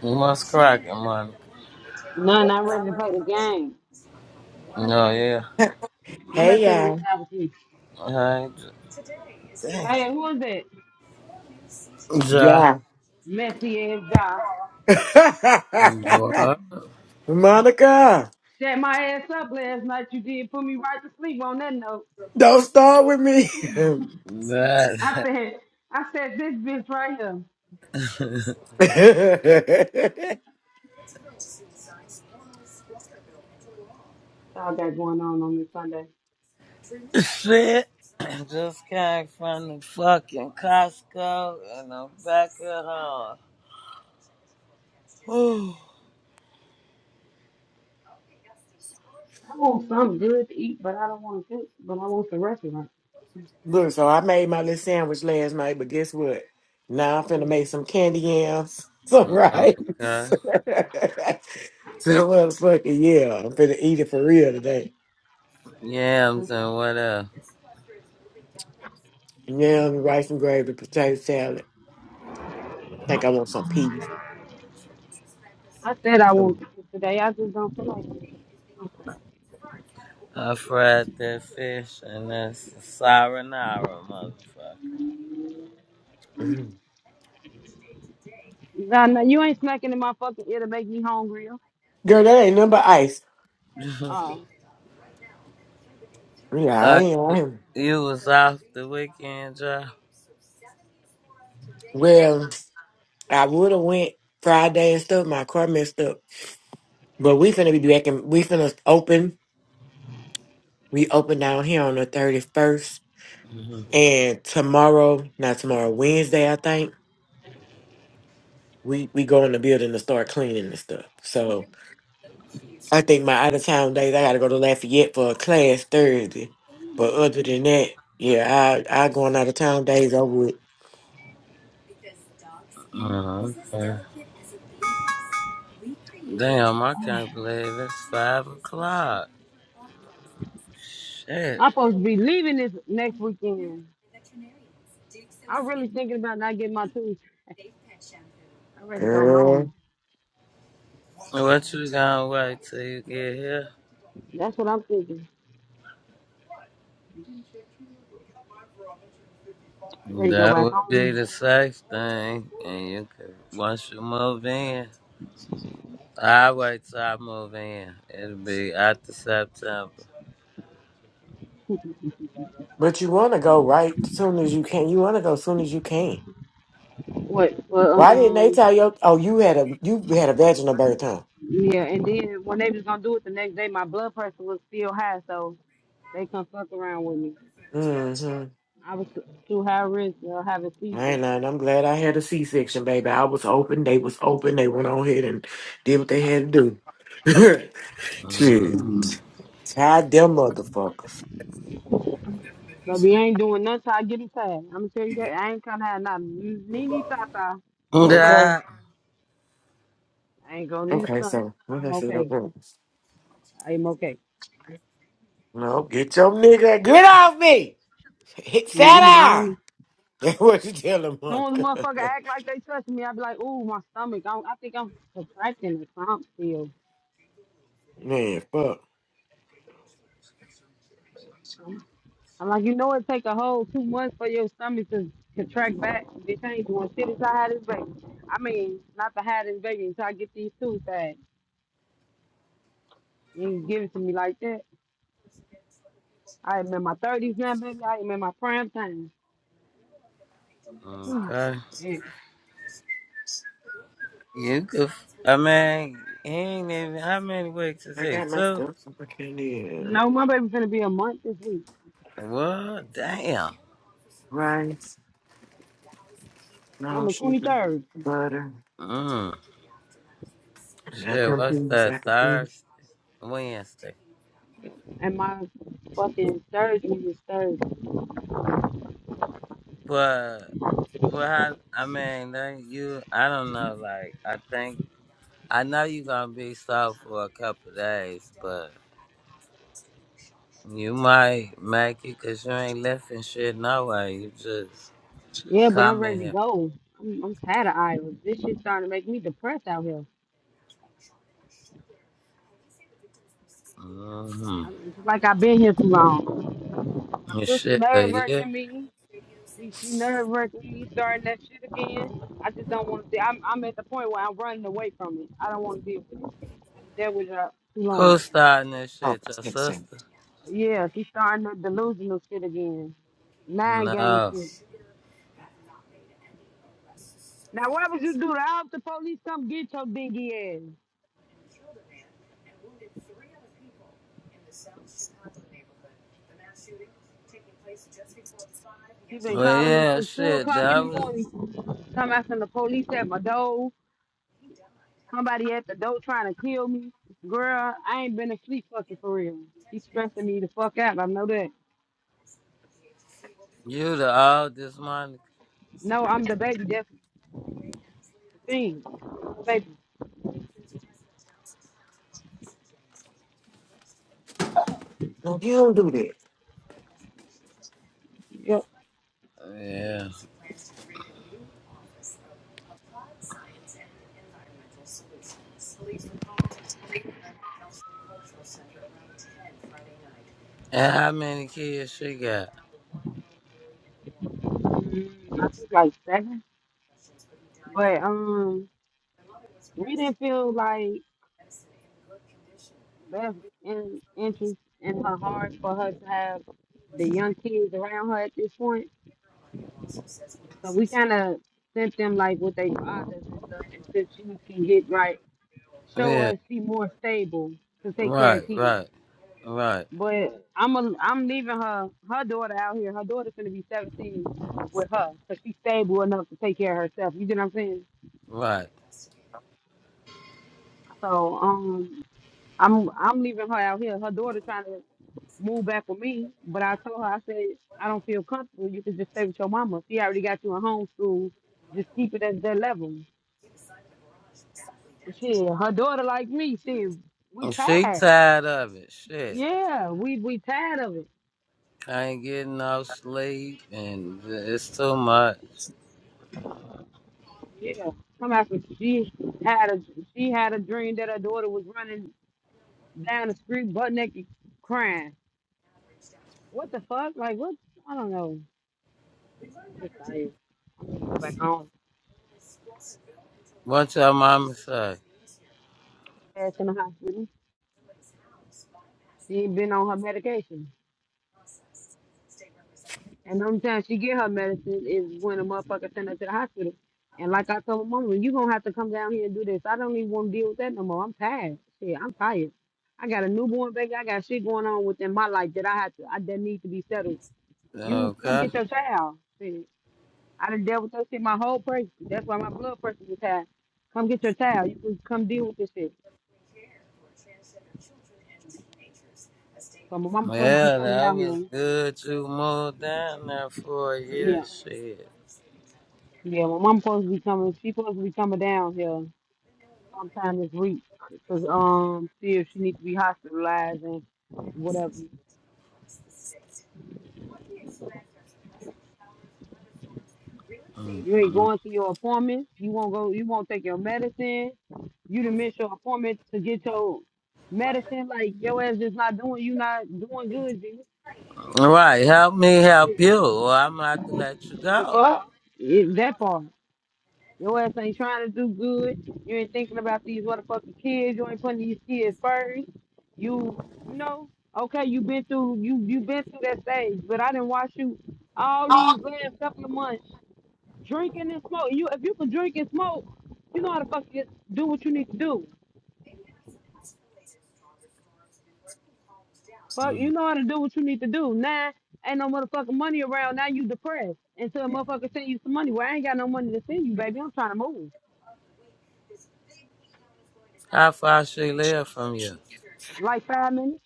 You must crack it, man. No, I'm ready to play the game. No, yeah. I'm Hey, about to take this y'all! out with you. I, damn. Hey, who is that? Ja. Yeah. Messy ass guy. What? Monica, Set my ass up last night. You did put me right to sleep on that note. don't start with me. That I said, I said this bitch right here. you all got going on on this Sunday. shit. I just came from the fucking Costco and I'm back at home. Whew. I want something good to eat, but I don't want to cook. But I want the restaurant. Look, so I made my little sandwich last night, but guess what? Now I'm finna make some candy yams, some rice. okay. so motherfucking yeah, I'm finna eat it for real today. I Yams and what else? Yams, rice and gravy, potato salad. I think I want some peas. I said I want Some to cook today. I just don't feel like it. I fried that fish and that's the marinara, motherfucker. girl, Nah, nah, you ain't smacking in my fucking ear to make me hungrier. that ain't nothing but ice. Oh, Yeah, I uh, ain't. I you, ain't. you was off the weekend, job. Well. I would have went Friday and stuff. My car messed up, but we finna be back and we finna open. We open down here on the thirty first, hmm and tomorrow, not tomorrow, Wednesday, I think we we go in the building to start cleaning and stuff. So I think my out of town days, I gotta go to Lafayette for a class Thursday. But other than that, yeah, I I going out of town days over with, Oh, okay. Damn, I can't believe it's five o'clock. Shit. I'm supposed to be leaving this next weekend. I'm really thinking about not getting my tools. I'm ready to go girl. home. What you gonna wait till you get here? That's what I'm thinking. I'm ready to go That back would be home. the safe thing, and you could once you move in. I wait till I move in. It'll be after September. But you wanna go right soon as you can. You wanna go soon as you can. What? But Why didn't they um, tell you? Oh, you had a you had a vaginal birth, huh? yeah. And then when they was gonna do it the next day, my blood pressure was still high, so they come fuck around with me. Mm-hmm. I was too high risk of having I seizures. ain't and I'm glad I had a C-section, baby. I was open. They was open. They went on ahead and did what they had to do. Shit, Mm. tied them motherfuckers. But we ain't doing nothing till I get him tired. I'm gonna tell you that I ain't gonna have nothing. Nini Tata, little baby. Okay, Yeah. I ain't gonna need a okay. stunt. So what I'm I said, okay. okay. I am okay. No, get your nigga, get off me. Hit sat Mm-mm, I down. don't. That's what you tell them, As soon as Monica. motherfucker act like they touching me, I be like, ooh, my stomach. I, don't, I think I'm contracting or something still. Man, fuck. I'm like, you know, it take a whole two months for your stomach to contract back. Bitch, I ain't doing shit until I had this baby. I mean, not to have this baby until I get these two things. You ain't give it to me like that. I am in my 30s now, baby. I am in my prime time. Okay. shit. You could. I mean, he ain't even. How many weeks is I he? got my Two. stuff. I can't eat No, my baby finna be a month this week What? Damn. rice. on No the sugar, 23rd. butter. Mm. I got Shit. them What's things that? I could be. Thursday, Wednesday. And my fucking surgery is Thursday. But well, I, I mean, then you. I don't know. Like, I think I know you gonna be soft for a couple of days, but. You might make it 'cause you ain't left and shit no way. You just Yeah, but I'm come in ready to here. go. I'm, I'm tired of Iowa. This shit starting to make me depressed out here. Mm-hmm. I mean, it's like I've been here too long. My This sister shit a nerve year. wrecking me. See, she nerve wracking. You starting that shit again. I just don't want to. See, I'm I'm at the point where I'm running away from it. I don't want to deal with it. I'm dealt with her too Who long. starting this Oh, shit? I Your can't sing. sister? Yeah, she starting that delusional shit again. Nine game No. shit. Now what would you do? I hope the police come get your dingy ass. She been Well, calling me yeah, since two shit. o'clock That in the was morning. Come after the police at my door. Somebody at the door trying to kill me. Girl, I ain't been asleep fucking for real. She stressing me the fuck out. I know that. you, the oldest, Monica. No, I'm the baby. That's thing, baby. No, you don't do that. Yep. Yeah. Plans to create a new office of applied science And environmental solutions. Police were called to the Industrial Cultural Center around ten Friday night. And how many kids she got? Mm, I think like seven. But um, we didn't feel like that's in interest in her heart for her to have the young kids around her at this point. So we kind of sent them like with their fathers and stuff until she can get right, show Yeah. us she more stable to take care Right, of kids. right, right, But I'm a, I'm leaving her her daughter out here. Her daughter's gonna be 17 with her, so she's stable enough to take care of herself. You get what I'm saying? right. So um, I'm I'm leaving her out here. Her daughter trying to move back with me, but I told her I said I don't feel comfortable. You can just stay with your mama. She already got you in homeschool. Just keep it at that level. But shit, her daughter like me. Shit, we She tired. tired of it. Shit. Yeah, we we tired of it. I ain't getting no sleep and it's too much. Yeah, come after she had a she had a dream that her daughter was running down the street butt naked crying. What the fuck? Like what? I don't know. I'm just tired. I'm gonna go back home. What your mama say? Ass in the hospital. She ain't been on her medication. And the only time she get her medicine is when a motherfucker send her to the hospital. And like I told my mama, you gonna have to come down here and do this. I don't even want to deal with that no more. I'm tired. Shit, I'm tired. I got a newborn baby. I got shit going on within my life that I have to, I, that need to be settled. You come Okay. get your child. Shit. I done dealt with that shit my whole pregnancy. That's why my blood pressure was high. Come get your child. You can come deal with this shit. So my mama supposed to be Well, coming that out was here. good to move down there for a year. Yeah. Shit. Yeah, my mama supposed to be coming. She supposed to be coming down here sometime this week because um see if she needs to be hospitalized and whatever. Mm, You ain't mm. going to your appointments. You won't go. You won't take your medicine. You done miss your appointment to get your medicine. Like your ass just not doing. You not doing good. G. Right, help me help you, or I'm gonna have to let you The go. fuck? It, that part. Your ass ain't trying to do good. You ain't thinking about these motherfucking kids. You ain't putting these kids first. You, you know, okay, you been through you you been through that stage, but I didn't watch you all these last couple of months drinking and smoke. You if you can drink and smoke, you know how to fucking do what you need to do. Fuck, you Mm. know how to do what you need to do. Now ain't no motherfucking money around. Now you depressed until a motherfucker send you some money. Well, I ain't got no money to send you, baby. I'm trying to move. How far she live from you? Like five minutes.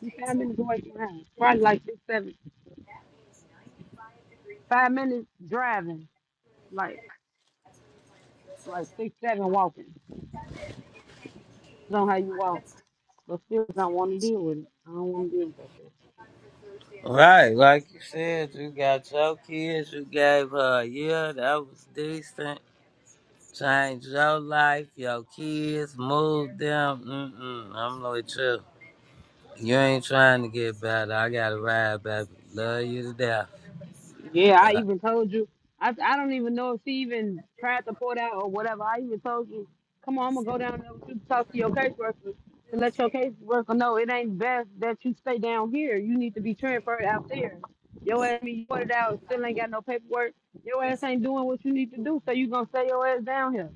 You five minutes away from the house. Probably like six, seven. Five minutes driving, like like six, seven walking. Depends on how you walk, but still don't want to deal with it. I don't want to deal with that shit. Right, like you said, you got your kids, you gave her a year, that was decent. Changed your life, your kids, moved them. Mm-mm, I'm with you. You ain't trying to get better. I got to ride, baby. Love you to death. Yeah, I But, even told you. I I don't even know if she even tried to port out or whatever. I even told you, come on, I'm gonna go down there with you to talk to your caseworker to let your caseworker know it ain't best that you stay down here. You need to be transferred out there. Your ass be ported out, still ain't got no paperwork. Your ass ain't doing what you need to do, so you gonna stay your ass down here.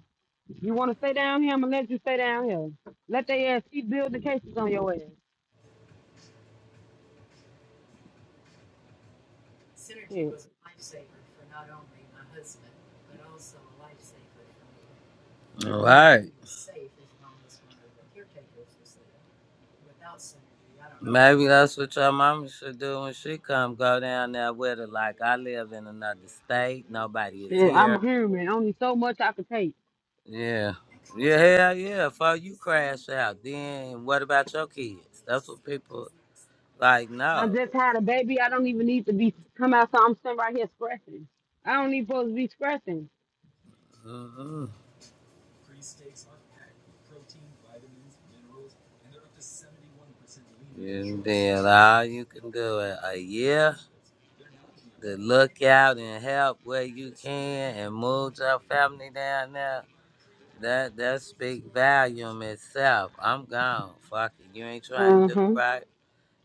You want to stay down here? I'm gonna let you stay down here. Let they ass keep building cases on your ass. Shit. all right. Maybe that's what your mama should do when she come. Go down there with her. Like I live in another state. Nobody is Shit, I'm here. a human. Only so much I can take. Yeah. Yeah, hell yeah. Before you crash out, then what about your kids? That's what people like, I no. just had a baby. I don't even need to be come out. So I'm sitting right here scratching. I don't even supposed to be scratching. Mm-mm. And then all you can do is a year to look out and help where you can and move your family down there. That that speak volume itself. I'm gone. Fuck it. You ain't trying Uh to do huh. right.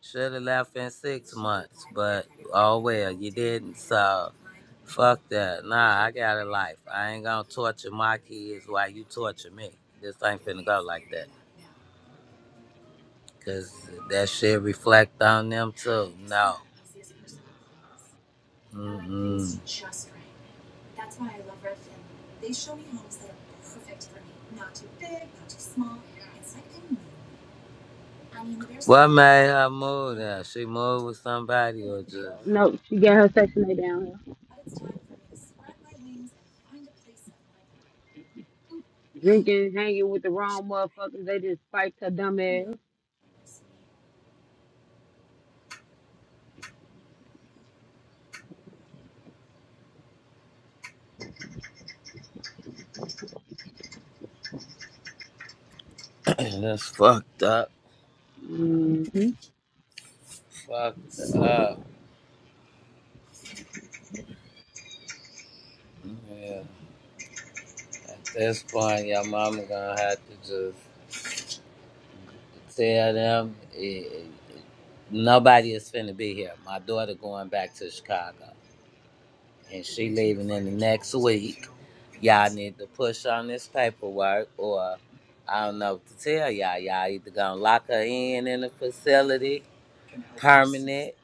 Should have left in six months, but oh well, you didn't. So fuck that. Nah, I got a life. I ain't gonna torture my kids while you torture me. This ain't finna go like that. Cause that shit reflect on them too. No. Mm-mm. What made her move there? She moved with somebody or just No, she got her section A down here. Drinking, hanging with the wrong motherfuckers. They just spiked her dumb ass. that's fucked up. Mm-hmm. Fucked up. Yeah. At this point, your mama gonna have to just Tell them eh, nobody is finna be here. My daughter going back to Chicago, and she leaving in the next week. Y'all need to push on this paperwork, or I don't know what to tell y'all. Y'all either gonna lock her in in a facility, permanent,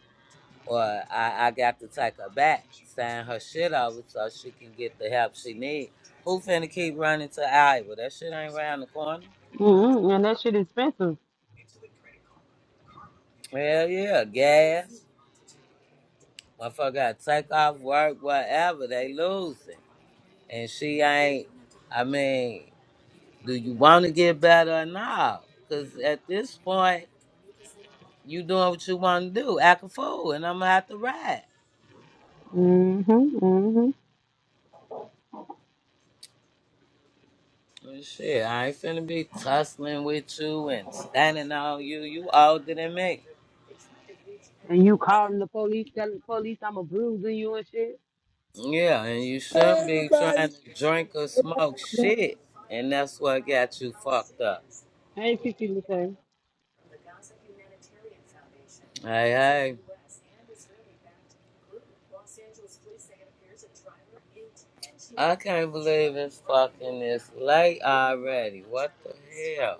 or I, I got to take her back, sign her shit over so she can get the help she need. Who finna keep running to Iowa? That shit ain't round the corner. Mm-hmm. And that shit expensive. Hell yeah, gas. Motherfucker gotta take off work, whatever, they losing. And she ain't I mean, do you wanna get better or not? Cause at this point, you doing what you wanna do, act a fool, and I'm gonna have to ride. Mm-hmm. Mm-hmm. And shit, I ain't finna be tussling with you and standing on you. You older than me. And you calling the police, telling the police I'm a bruising you and shit. Yeah, and you Hey, shouldn't be everybody. trying to drink or smoke shit. And that's what got you fucked up. Hey, Kiki say, Hey, hey. I can't believe it's fucking this late already. What the hell?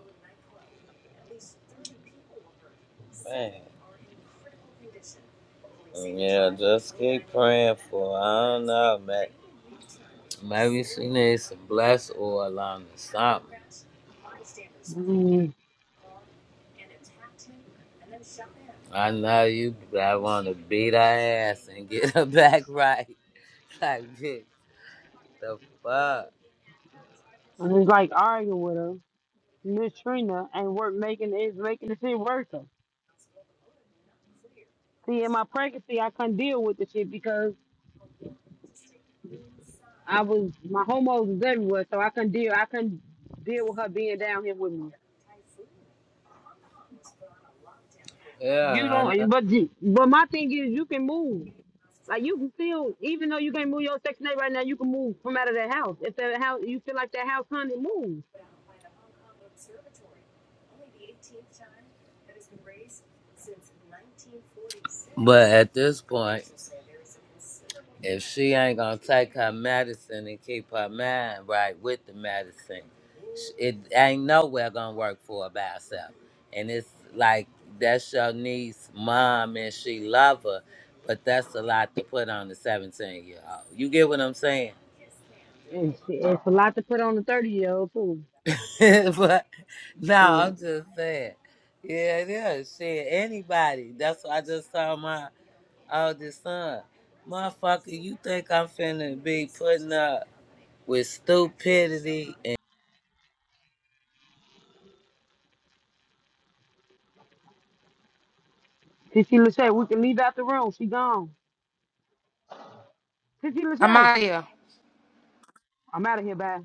Man. Yeah, just keep praying for. her. I don't know, man. Maybe she needs some bless oil on or something. mm, I know you, but I want to beat her ass and get her back right. Like, bitch, the fuck? I was like arguing with her, Miss Trina, and work making is making the shit worse. See, in my pregnancy, I couldn't deal with the shit because I was my homos was everywhere, so I couldn't deal. I couldn't deal with her being down here with me. You Yeah, I know. don't, but you- but my thing is, you can move. Like you can still, even though you can't move your section eight right now, you can move from out of that house. If that house, you feel like that house hunted move. But at this point, if she ain't gonna take her medicine and keep her mind right with the medicine, sh- it ain't nowhere gonna work for her by herself. And it's like that's your niece, mom, and she love her, but that's a lot to put on the seventeen year old. You get what I'm saying? It's, it's a lot to put on the thirty year old too. but no, Mm. I'm just saying. Yeah, it is. Shit, anybody. That's what I just told my All this time, Motherfucker, you think I'm finna be putting up with stupidity and Tissy Lachey, we can leave out the room. She gone. Tissy Lachey, Amaya. I'm out of here, bye.